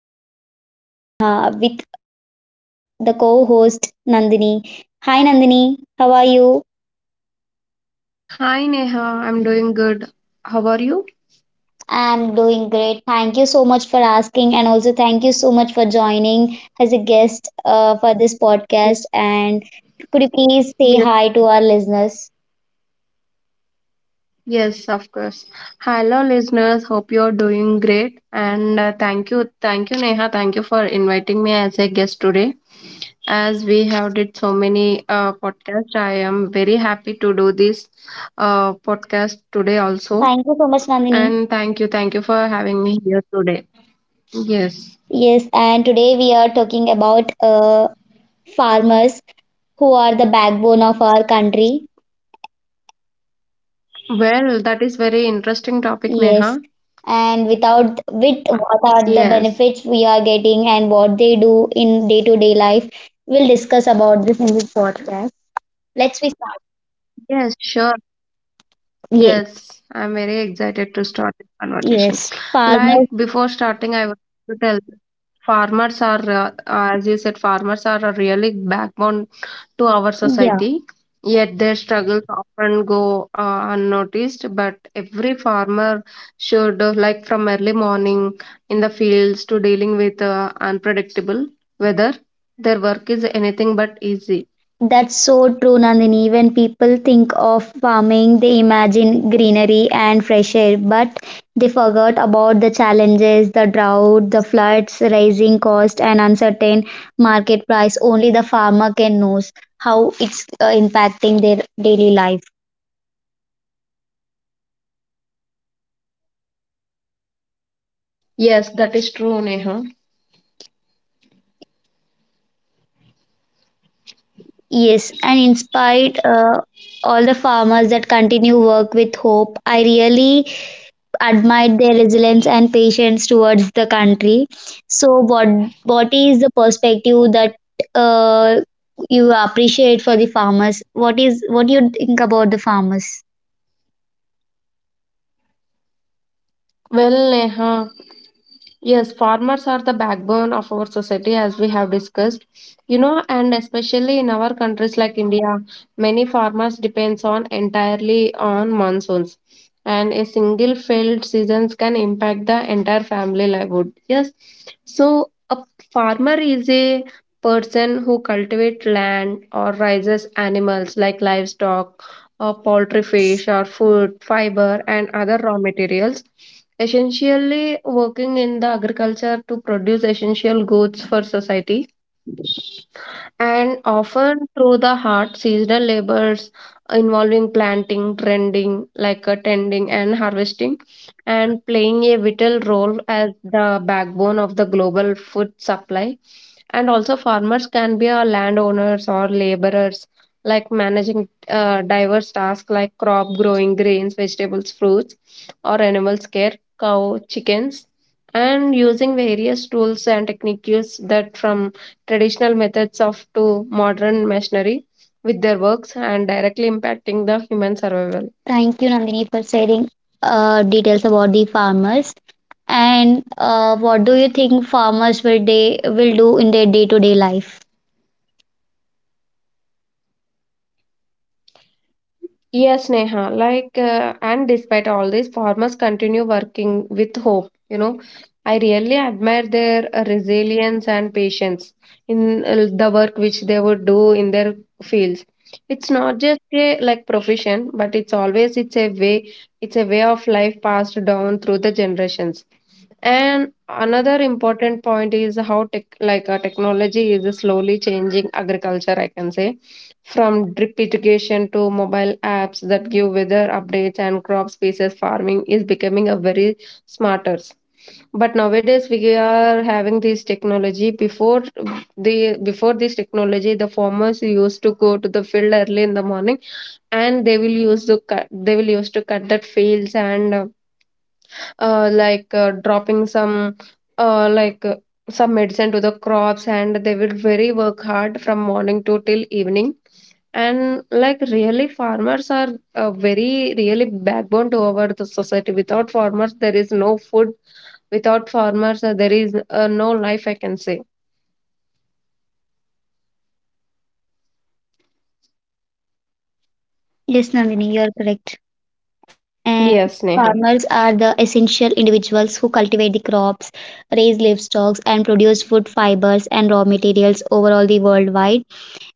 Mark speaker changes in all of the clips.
Speaker 1: country. And I am Neha with the co host Nandini. Hi, Nandini, how are you?
Speaker 2: Hi Neha, I'm doing good. How are
Speaker 1: I'm
Speaker 2: you?
Speaker 1: doing great. Thank you so much for asking, and also thank you so much for joining as a guest for this podcast. And could you please say
Speaker 2: Yes,
Speaker 1: hi to our listeners?
Speaker 2: yes, of course. Hello, listeners. Hope you're doing great. And Thank you, Neha. Thank you for inviting me as a guest today. As we have did so many podcasts, I am very happy to do this podcast today also.
Speaker 1: Thank you so much, Nandini.
Speaker 2: And thank you for having me here today. Yes.
Speaker 1: Yes, and today we are talking about farmers who are the backbone of our country.
Speaker 2: Well, that is very interesting topic,
Speaker 1: Yes,
Speaker 2: Neha.
Speaker 1: and without with what are the
Speaker 2: Yes.
Speaker 1: benefits we are getting and what they do in day to day life. We'll discuss about this in this podcast. Let's we start.
Speaker 2: Yes, sure.
Speaker 1: Yes,
Speaker 2: Yes, I'm very excited to start this conversation.
Speaker 1: yes, farmers.
Speaker 2: Like before starting, I want to tell farmers are, as you said, farmers are a really backbone to our
Speaker 1: Yeah.
Speaker 2: society. Yet their struggles often go unnoticed. But every farmer should, like from early morning in the fields to dealing with unpredictable weather, their work is anything but easy.
Speaker 1: That's so true, Nandini. When people think of farming, they imagine greenery and fresh air, but they forgot about the challenges, the drought, the floods, rising cost, and uncertain market price. Only the farmer can knows how it's impacting their daily life.
Speaker 2: Yes, that is true, Neha.
Speaker 1: Yes, and in spite all the farmers that continue work with hope, I really admired their resilience and patience towards the country. So, what is the perspective that uh, you appreciate for the farmers? What is what you think about the farmers?
Speaker 2: Well, Neha. Yes, farmers are the backbone of our society, as we have discussed. You know, and especially in our countries like India, many farmers depends on entirely on monsoons, and a single failed seasons can impact the entire family livelihood. Yes, so a farmer is a person who cultivates land or raises animals like livestock poultry, fish, or food, fiber, and other raw materials. Essentially, working in the agriculture to produce essential goods for society and often through the hard seasonal labors involving planting, tending, tending and harvesting, and playing a vital role as the backbone of the global food supply. And also, farmers can be landowners or laborers, like managing diverse tasks like crop growing, grains, vegetables, fruits, or animals care, cow, chickens, and using various tools and techniques that from traditional methods of to modern machinery with their works and directly impacting the human survival.
Speaker 1: Thank you, Nandini, for sharing details about the farmers. And what do you think farmers will they will do in their day to day life?
Speaker 2: Yes, Neha. And despite all this, farmers continue working with hope. You know, I really admire their resilience and patience in the work which they would do in their fields. It's not just a like profession, but it's always it's a way of life passed down through the generations, and another important point is how tech, technology, is slowly changing agriculture, I can say. From drip irrigation to mobile apps that give weather updates and crop species, farming is becoming a very smarter, but nowadays we are having this technology. Before the before this technology, the farmers used to go to the field early in the morning, and they will use to cut that fields, and dropping some uh, like uh, some medicine to the crops, and they will very work hard from morning to till evening. And like really farmers are, very really backbone to our the society. Without farmers, there is no food. Without farmers, there is no life, I can say.
Speaker 1: Yes, Nandini, you are correct. And farmers are
Speaker 2: Yes,
Speaker 1: the
Speaker 2: Neha.
Speaker 1: essential individuals who cultivate the crops, raise livestock, and produce food fibers and raw materials overall the worldwide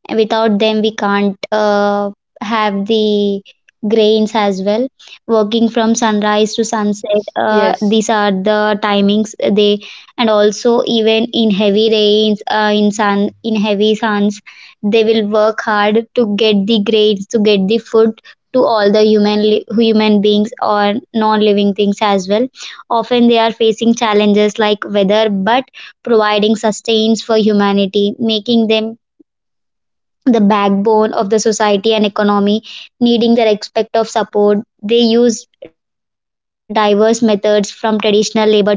Speaker 1: without them we can't have the grains as well, working from sunrise to sunset,
Speaker 2: yes
Speaker 1: these are the timings they, and also even in heavy rains, in sun, in heavy suns, they will work hard to get the grains, to get the food to all the human beings or non living things as well. Often they are facing challenges like weather, but providing sustains for humanity, making them the backbone of the society and economy, needing the respect of support. They use diverse methods from traditional labor to modern tech,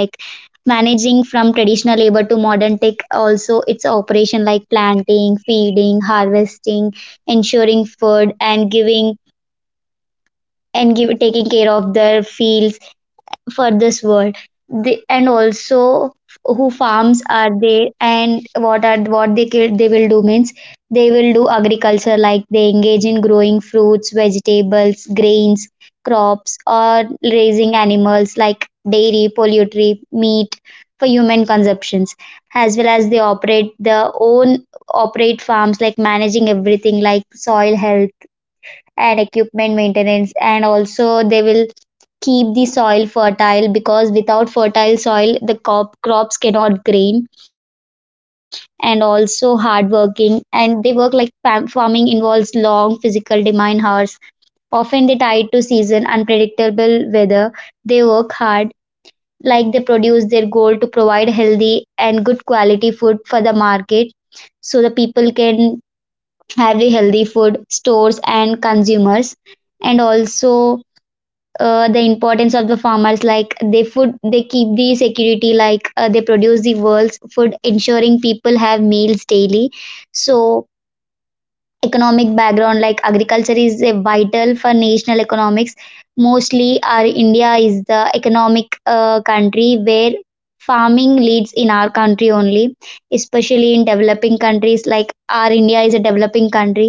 Speaker 1: managing from traditional labor to modern tech. Also, its operation like planting, feeding, harvesting, ensuring food, and giving and give, taking care of their fields for this world they, and also who farms are there and what are what they kill, they will do means they will do agriculture like they engage in growing fruits, vegetables, grains, crops, or raising animals like dairy, poultry, meat for human consumptions, as well as they operate their own operate farms like managing everything like soil health and equipment maintenance. And also they will keep the soil fertile, because without fertile soil the crops cannot grain. And also hard working, and they work like farming involves long physical demand hours, often they tied to season unpredictable weather. They work hard like they produce their goal to provide healthy and good quality food for the market so the people can have the healthy food stores and consumers. And also, the importance of the farmers like they food, they keep the security like, they produce the world's food, ensuring people have meals daily. So, economic background like agriculture is a vital for national economics. Mostly our India is the economic country where farming leads in our country only, especially in developing countries, like our India is a developing country,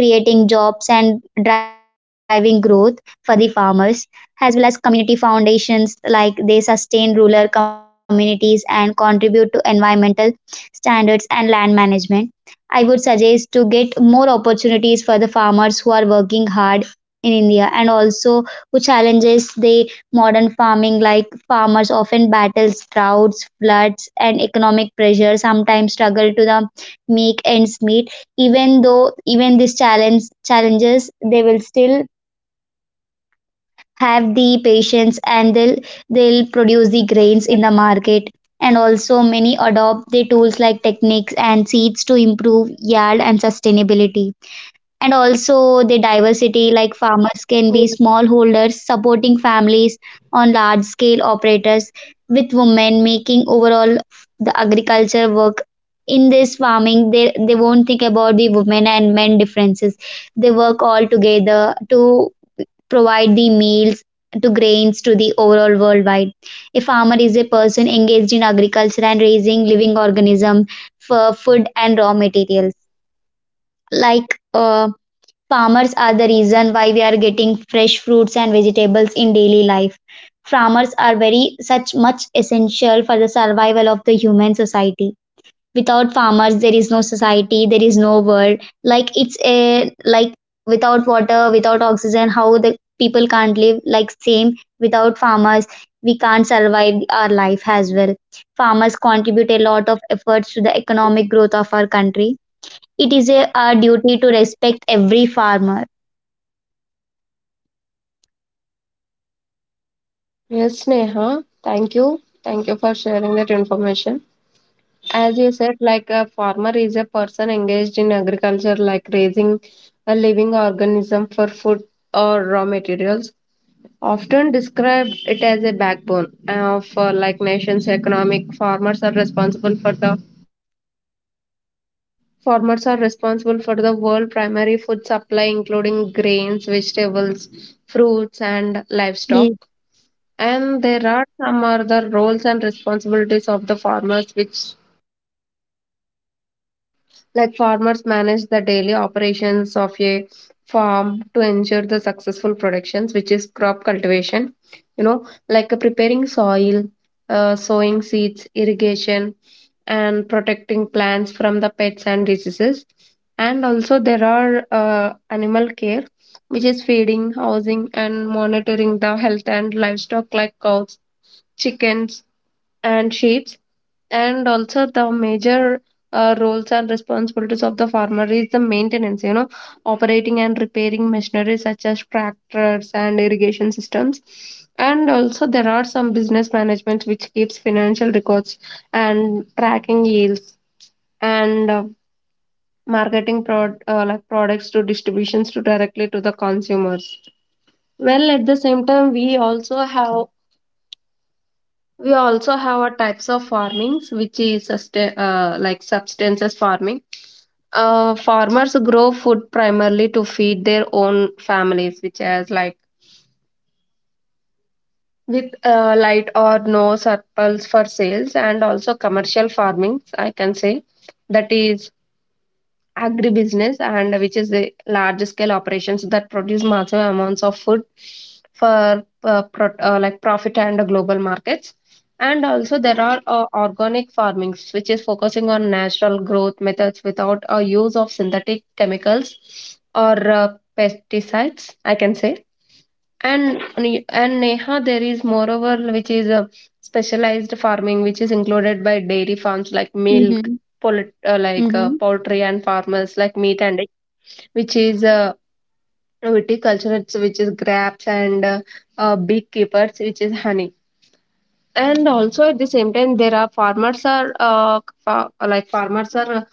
Speaker 1: creating jobs and driving growth for the farmers, as well as community foundations like they sustain rural communities and contribute to environmental standards and land management. I would suggest to get more opportunities for the farmers who are working hard in India. And also who challenges the modern farming, like farmers often battle droughts, floods, and economic pressure, sometimes struggle to the make ends meet. Even though even these challenges they will still have the patience, and they'll produce the grains in the market. And also many adopt the tools like techniques and seeds to improve yield and sustainability. And also the diversity, like farmers can be
Speaker 2: yes
Speaker 1: smallholders supporting families on large scale operators, with women making overall the agriculture work. In this farming they won't think about the women and men differences. They work all together to provide the meals, to grains, to the overall worldwide. A farmer is a person engaged in agriculture and raising living organism for food and raw materials. Like farmers are the reason why we are getting fresh fruits and vegetables in daily life. Farmers are very such much essential for the survival of the human society. Without farmers there is no society, there is no world. Like it's a like without water, without oxygen, how the people can't live. Like same, without farmers we can't survive our life as well. Farmers contribute a lot of efforts to the economic growth of our country. It is a, our duty to respect every farmer.
Speaker 2: yes Neha. Thank you. Thank you for sharing that information. As you said, like a farmer is a person engaged in agriculture, like raising a living organism for food or raw materials. Often described it as a backbone of like nations' economic. Farmers are responsible for the farmers are responsible for the world primary food supply, including grains, vegetables, fruits, and livestock.
Speaker 1: Yes.
Speaker 2: And there are some other roles and responsibilities of the farmers, which like farmers manage the daily operations of a farm to ensure the successful productions, which is crop cultivation. You know, like preparing soil, sowing seeds, irrigation, and protecting plants from the pests and diseases. And also, there are animal care, which is feeding, housing, and monitoring the health and livestock like cows, chickens, and sheep. And also the major roles and responsibilities of the farmer is the maintenance, you know, operating and repairing machinery such as tractors and irrigation systems. And also there are some business management which keeps financial records and tracking yields, and marketing products to distributions to directly to the consumers. Well, at the same time, we also have our types of farmings, which is sustain, like substances farming. Farmers grow food primarily to feed their own families, which has like with light or no surplus for sales. And also commercial farming, I can say, that is agribusiness, and which is the large scale operations that produce massive amounts of food for profit and global markets. And also there are organic farming, which is focusing on natural growth methods without a use of synthetic chemicals or pesticides, I can say. And and Neha, there is moreover which is a specialized farming which is included by dairy farms like milk,
Speaker 1: Mm-hmm. Mm-hmm.
Speaker 2: poultry, and farmers like meat and egg, which is viticulture, which is grapes, and beekeepers, which is honey. And also at the same time, there are farmers are fa- like farmers are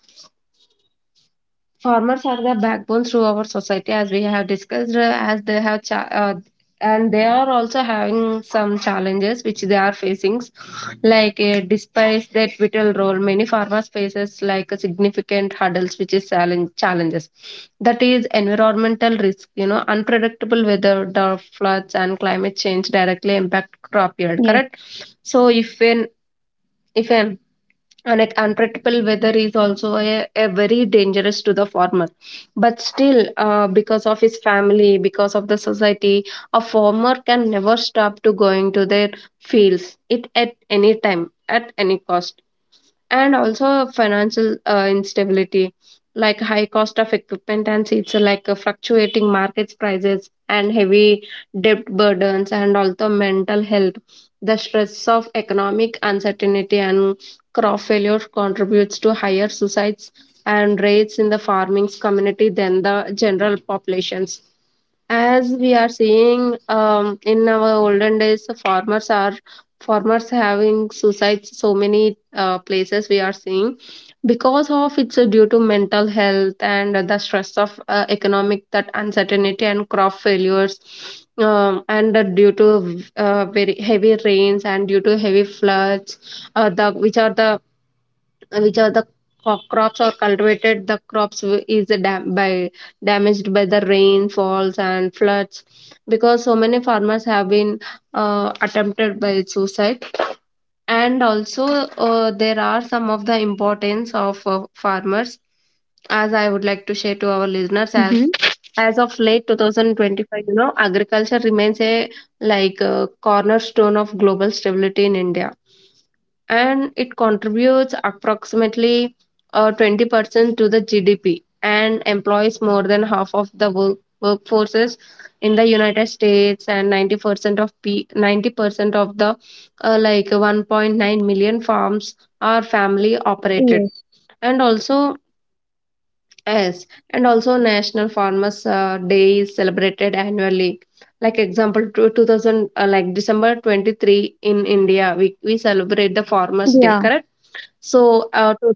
Speaker 2: farmers are the backbone through our society, as we have discussed. As they have cha- and they are also having some challenges which they are facing, like despite that vital role, many farmers faces like a significant hurdles which is challenges. That is environmental risk, you know, unpredictable weather, drought, floods, and climate change directly impact crop yield.
Speaker 1: Yes.
Speaker 2: Correct. So if an and it- unpredictable weather is also a very dangerous to the farmer, but still, because of his family, because of the society, a farmer can never stop to going to their fields it at any time at any cost. And also financial instability, like high cost of equipment and seats, like fluctuating market prices and heavy debt burdens. And also mental health, the stress of economic uncertainty and crop failure contributes to higher suicides and rates in the farming community than the general populations. As we are seeing, in our olden days, the farmers are farmers having suicides so many places we are seeing, because of it's due to mental health and the stress of economic that uncertainty and crop failures. And due to very heavy rains and due to heavy floods, the, which are the which are the crops are cultivated, the crops w- is dam- by damaged by the rainfalls and floods, because so many farmers have been attempted by suicide. And also, there are some of the importance of farmers, as I would like to share to our listeners. as
Speaker 1: Mm-hmm.
Speaker 2: as of late 2025, you know, agriculture remains a, cornerstone of global stability. In India, and it contributes approximately 20% to the GDP and employs more than half of the workforces. In the United States, and 90% of P- 90% of the uh, like 1.9 million farms are family operated.
Speaker 1: Yes.
Speaker 2: And also, yes, and also National Farmers Day is celebrated annually. Like example, 2000 like December 23rd, in India, we celebrate the Farmers Day,
Speaker 1: Yeah.
Speaker 2: correct? So,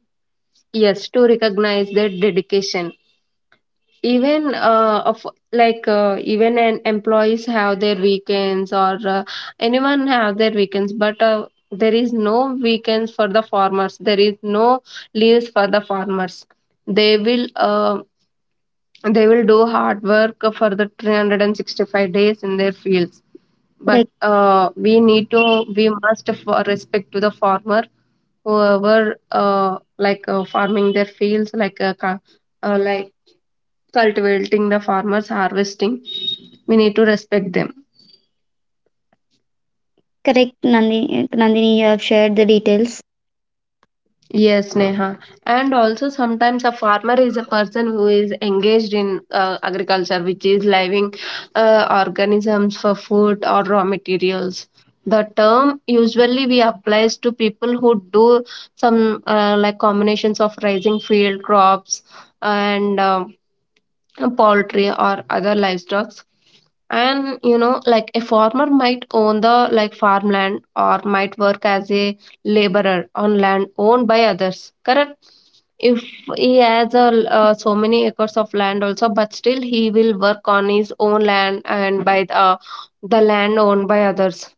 Speaker 2: yes, to recognize their dedication. Even of like even an employees have their weekends, or anyone have their weekends, but there is no weekends for the farmers. There is no leaves for the farmers. They will uh, they will do hard work for the 365 days in their fields. But
Speaker 1: Correct.
Speaker 2: we must for respect to the farmer, whoever farming their fields, uh, like cultivating the farmers, harvesting. We need to respect them.
Speaker 1: Correct, Nandini. Nandini, you have shared the details.
Speaker 2: Yes, Neha. And also, sometimes a farmer is a person who is engaged in agriculture, which is living organisms for food or raw materials. The term usually we applies to people who do some combinations of raising field crops and poultry or other livestock. And you know, like a farmer might own the like farmland, or might work as a laborer on land owned by others, correct? If he has a, so many acres of land also, but still he will work on his own land and by the land owned by others.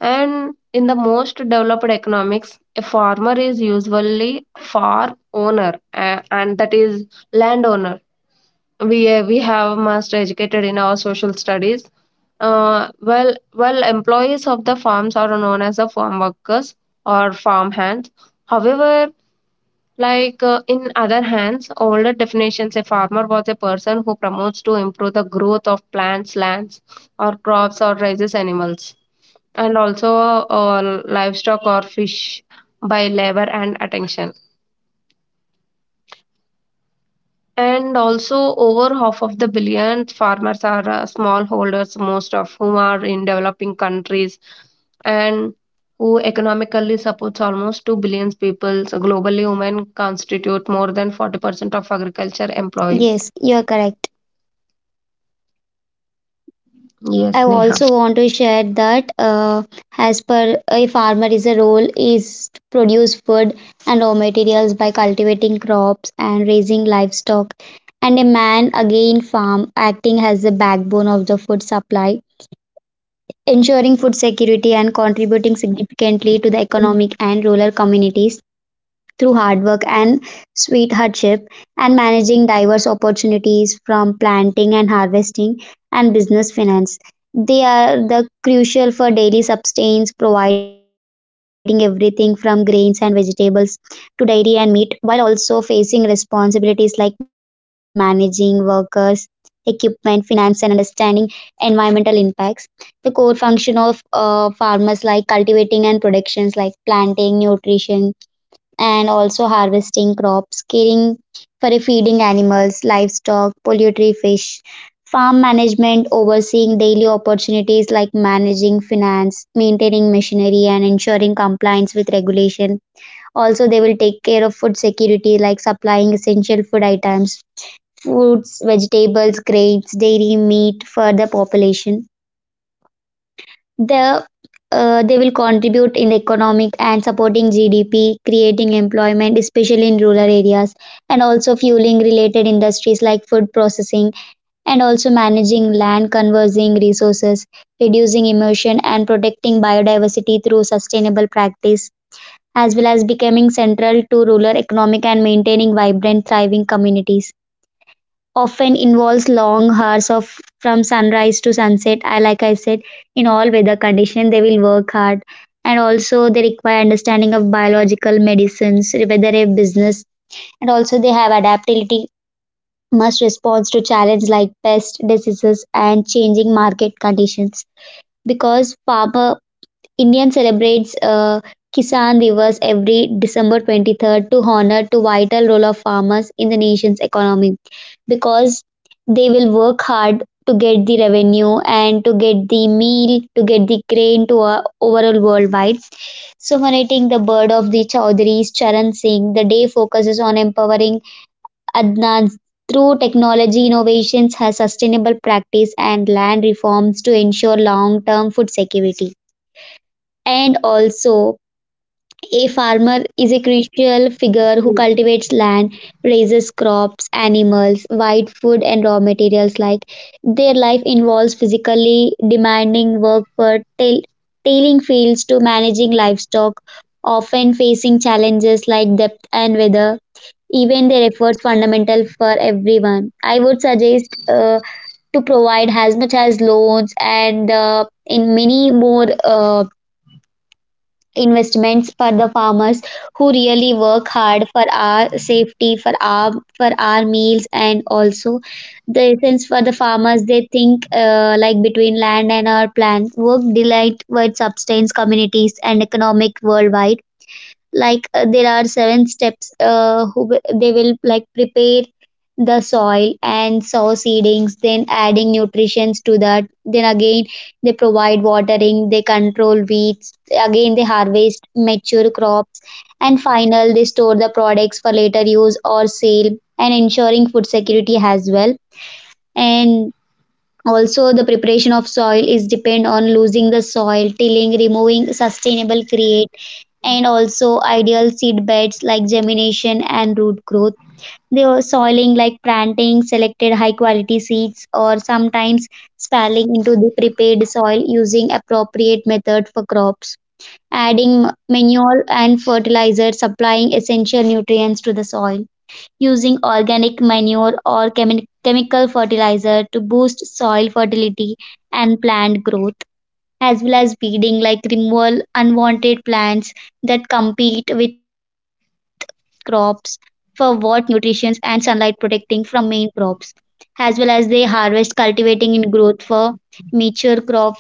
Speaker 2: And in the most developed economics, a farmer is usually farm owner, and that is landowner. We have master educated in our social studies. Employees of the farms are known as the farm workers or farm hands. However, in other hands, older definitions, a farmer was a person who promotes to improve the growth of plants, lands, or crops, or raises animals, and also livestock or fish by labor and attention. And also, over half of the billion farmers are smallholders, most of whom are in developing countries, and who economically supports almost 2 billion people. So globally, women constitute more than 40% of agriculture employees.
Speaker 1: Yes, you are correct. I
Speaker 2: Yes, Neha.
Speaker 1: also want to share that, as per a farmer is a role is to produce food and raw materials by cultivating crops and raising livestock, and a man again farm acting as the backbone of the food supply, ensuring food security and contributing significantly to the economic and rural communities through hard work and sweet hardship, and managing diverse opportunities from planting and harvesting and business finance. They are the crucial for daily substance, providing everything from grains and vegetables to dairy and meat, while also facing responsibilities like managing workers, equipment, finance, and understanding environmental impacts. The core function of farmers, like cultivating and productions like planting, nutrition, and also harvesting crops, caring for feeding animals, livestock, poultry, fish, farm management, overseeing daily opportunities like managing finance, maintaining machinery, and ensuring compliance with regulation. Also, they will take care of food security like supplying essential food items, fruits, vegetables, grains, dairy, meat for the population. The they will contribute in the economic and supporting GDP, creating employment, especially in rural areas, and also fueling related industries like food processing, and also managing land, conserving resources, reducing emission, and protecting biodiversity through sustainable practice, as well as becoming central to rural economic and maintaining vibrant, thriving communities. Often involves long hours of from sunrise to sunset. I like I said, in all weather conditions, they will work hard. And also they require understanding of biological medicines, whether a business. And also they have adaptability, must respond to challenges like pest diseases and changing market conditions. Because farmer Indian celebrates Kisan Divas every December 23rd to honor the vital role of farmers in the nation's economy, because they will work hard to get the revenue and to get the meal, to get the grain to overall worldwide. So, honoring the bird of the Chaudhary's Charan Singh, the day focuses on empowering Adnan through technology innovations, has sustainable practice and land reforms to ensure long-term food security. And also, a farmer is a crucial figure who cultivates land, raises crops, animals, provide food and raw materials. Like their life involves physically demanding work for tilling fields to managing livestock, often facing challenges like depth and weather. Even their efforts fundamental for everyone. I would suggest to provide as much as loans and in many more. Investments for the farmers who really work hard for our safety, for our meals. And also the essence for the farmers they think like between land and our plants work delight with substance communities and economic worldwide. Like there are seven steps who they will like prepare the soil and sow seedings, then adding nutrients to that, then again they provide watering, they control weeds, again they harvest mature crops, and final they store the products for later use or sale and ensuring food security as well. And also the preparation of soil is depend on losing the soil tilling, removing sustainable create, and also ideal seed beds like germination and root growth. The soiling like planting selected high quality seeds, or sometimes spalling into the prepared soil using appropriate method for crops, adding manure and fertilizer, supplying essential nutrients to the soil, using organic manure or chemical fertilizer to boost soil fertility and plant growth, as well as weeding, like removal unwanted plants that compete with crops for what nutrition and sunlight, protecting from main crops, as well as they harvest, cultivating in growth for mature crop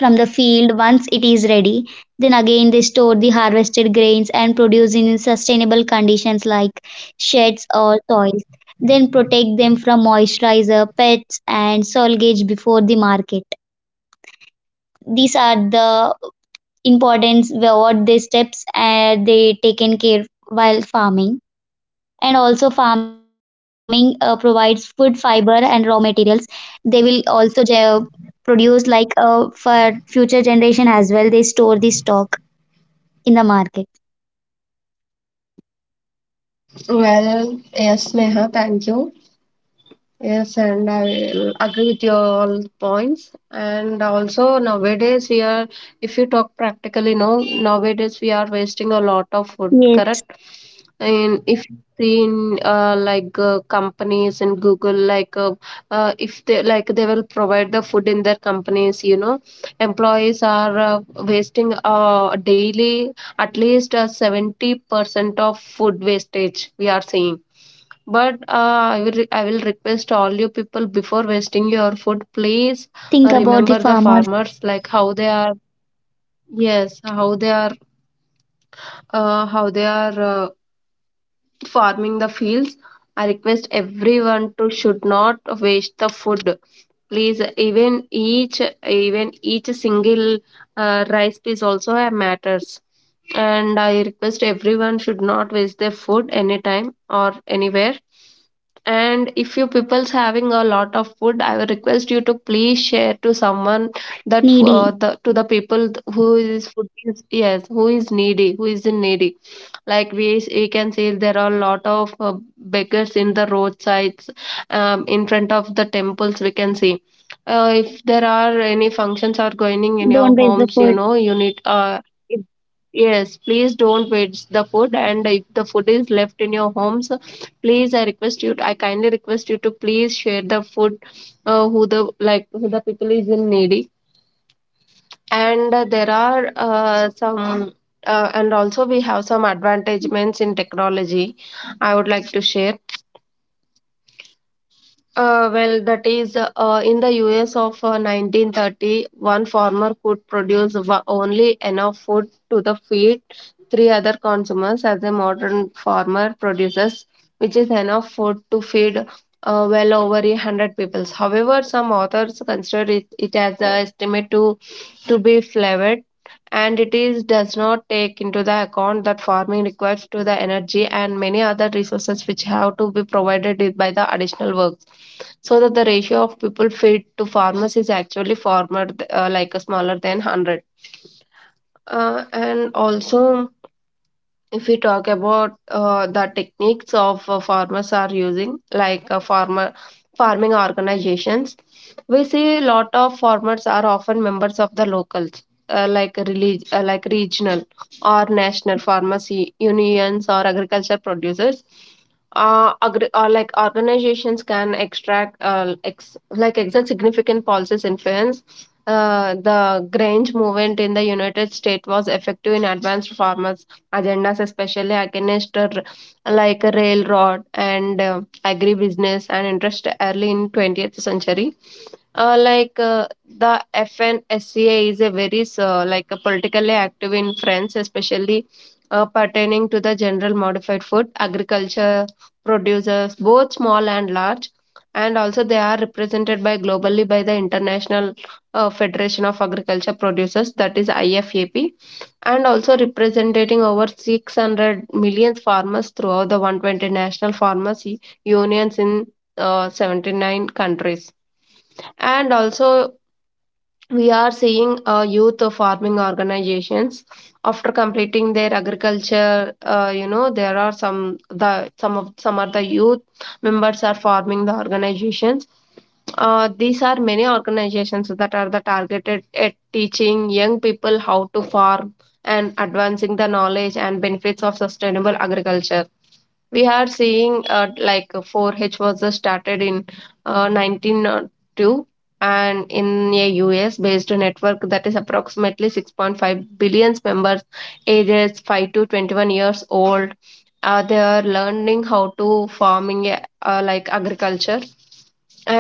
Speaker 1: from the field once it is ready. Then again, they store the harvested grains and produce in sustainable conditions like sheds or soils. Then protect them from moisturizer, pests, and soil gauge before the market. These are the importance what the steps they taken care while farming. And also farming provides food fiber and raw
Speaker 2: Yes.
Speaker 1: materials. They will also produce like for future generation as well, they store the stock in the market.
Speaker 2: Well, yes, Neha, thank you. Yes, and I agree with your all points. And also nowadays we are, if you talk practically, no, nowadays we are wasting a lot of food,
Speaker 1: Yes.
Speaker 2: correct? And if you see in companies in Google, if they like they will provide the food in their companies, employees are wasting daily at least 70% of food wastage we are seeing. But I will request all you people before wasting your food, please
Speaker 1: Think about the
Speaker 2: remember the
Speaker 1: farmers.
Speaker 2: farmers like how they are. Yes, how they are. How they are. Farming the fields, I request everyone to should not waste the food, please. even each Even each single rice piece also matters, and I request everyone should not waste their food anytime or anywhere. And if you people's having a lot of food, I would request you to please share to someone, that
Speaker 1: Needy.
Speaker 2: the to the people who is food is, yes, who is needy, who is in needy. Like we can see there are a lot of beggars in the roadsides, in front of the temples we can see. If there are any functions are going in
Speaker 1: Don't
Speaker 2: your
Speaker 1: waste the
Speaker 2: homes,
Speaker 1: food.
Speaker 2: you know, you need if- yes, please don't waste the food, and if the food is left in your homes, please, I request you, I kindly request you to please share the food who the like who the people is in needy. And there are some and also we have some advantagements in technology I would like to share. That is in the US of 1930, farmer could produce only enough food to the feed three other consumers, as a modern farmer produces which is enough food to feed, over a 100 people. However, some authors consider it as an estimate to be flawed, and it is does not take into the account that farming requires to the energy and many other resources which have to be provided with by the additional works, so that the ratio of people fed to farmers is actually farmer like a smaller than 100. And also, if we talk about the techniques of farmers are using, like farmer farming organizations, we see a lot of farmers are often members of the locals, like regional or national pharmacy unions or agriculture producers. Agri- or Like organizations can extract like exert significant policies influence. The Grange movement in the United States was effective in advanced farmers agendas, especially against like railroad and agribusiness and interest early in 20th century. The FNSCA is a very like a politically active in France, especially pertaining to the general modified food, agriculture producers, both small and large, and also they are represented by globally by the International Federation of Agriculture Producers, that is IFAP, and also representing over 600 million farmers throughout the 120 national farmers unions in 79 countries. And also, we are seeing youth farming organizations after completing their agriculture. There are some of the youth members are forming the organizations. These are many organizations that are the targeted at teaching young people how to farm and advancing the knowledge and benefits of sustainable agriculture. We are seeing 4-H was started in 1902, and in a US based network that is approximately 6.5 billion members, ages 5 to 21 years old. They are learning how to farming like agriculture,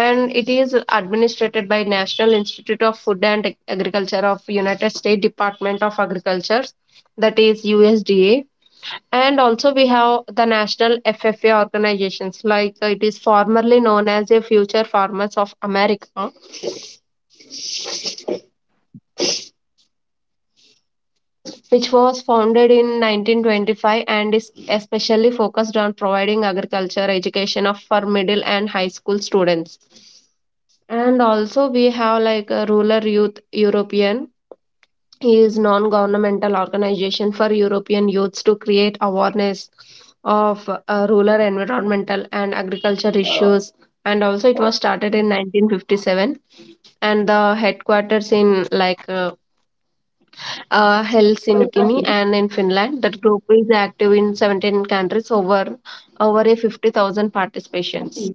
Speaker 2: and it is administrated by National Institute of Food and Agriculture of United States Department of Agriculture, that is USDA. And also we have the national FFA organizations, it is formerly known as a Future Farmers of America, which was founded in 1925, and is especially focused on providing agriculture education of for middle and high school students. And also we have like a rural youth european, is non-governmental organization for european youths to create awareness of rural environmental and agriculture issues, and also it was started in 1957, and the headquarters in Helsinki, and in Finland. That group is active in 17 countries, over a 50,000 participations.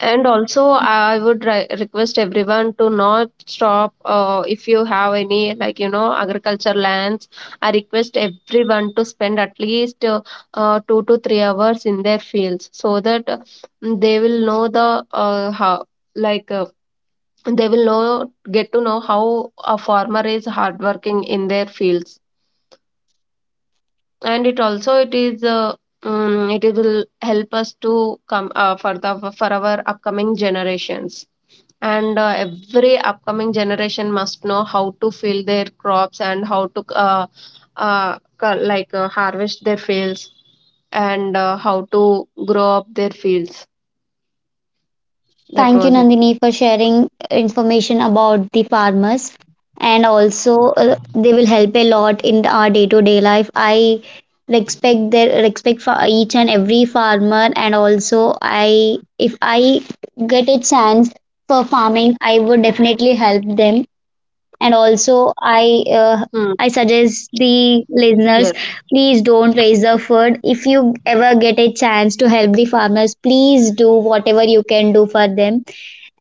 Speaker 2: And also, I would request everyone to not stop. If you have any, like you know, agriculture lands, I request everyone to spend at least 2 to 3 hours in their fields, so that they will know the how like. They will know, get to know how a farmer is hardworking in their fields. And it also it is it will help us to come for the for our upcoming generations. And every upcoming generation must know how to fill their crops, and how to like harvest their fields, and how to grow up their fields. That
Speaker 1: Thank you,
Speaker 2: was it.
Speaker 1: Nandini, for sharing information about the farmers. And also, they will help a lot in our day-to-day life. I respect their respect for each and every farmer. And also, I, if I get a chance for farming, I would definitely help them. And also, I, uh,
Speaker 2: hmm.
Speaker 1: I suggest the listeners,
Speaker 2: yes
Speaker 1: please don't waste the food. If you ever get a chance to help the farmers, please do whatever you can do for them.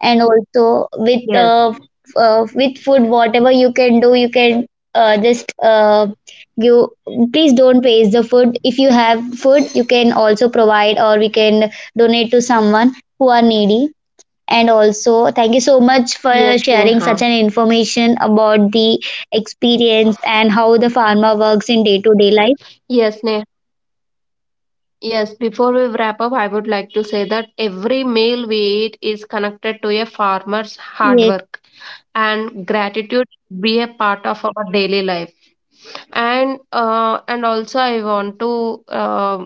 Speaker 1: And also with
Speaker 2: yes
Speaker 1: with food whatever you can do you can, just, you, please don't waste the food. If you have food you can also provide, or we can donate to someone who are needy. And also thank you so much for
Speaker 2: yes
Speaker 1: sharing
Speaker 2: neha
Speaker 1: such an information about the experience and how the pharma works in day to day life.
Speaker 2: yes, Neha, Yes, before we wrap up, I would like to say that every meal we eat is connected to a farmer's hard
Speaker 1: Yes.
Speaker 2: work and gratitude, be a part of our daily life. And also I want to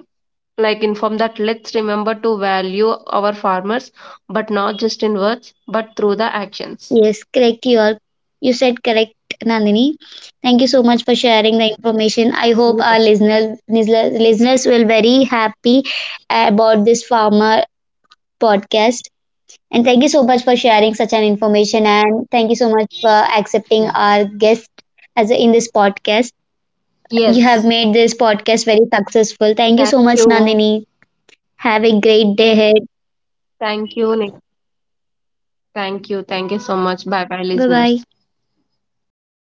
Speaker 2: like inform that let's remember to value our farmers, but not just in words, but through the actions.
Speaker 1: Yes, correct. You are, you said correct, Nandini. Thank you so much for sharing the information. I hope our
Speaker 2: Yes.
Speaker 1: listener, listeners will very happy about this farmer podcast. And thank you so much for sharing such an information. And thank you so much for accepting our guest as a, in this podcast. You have
Speaker 2: Yes.
Speaker 1: made this podcast very successful. Thank you
Speaker 2: Thank
Speaker 1: so much,
Speaker 2: you.
Speaker 1: Nandini. Have a great day ahead.
Speaker 2: Thank you, Nick. Thank you. Thank you so much. Bye bye,
Speaker 1: Bye bye.
Speaker 2: listeners.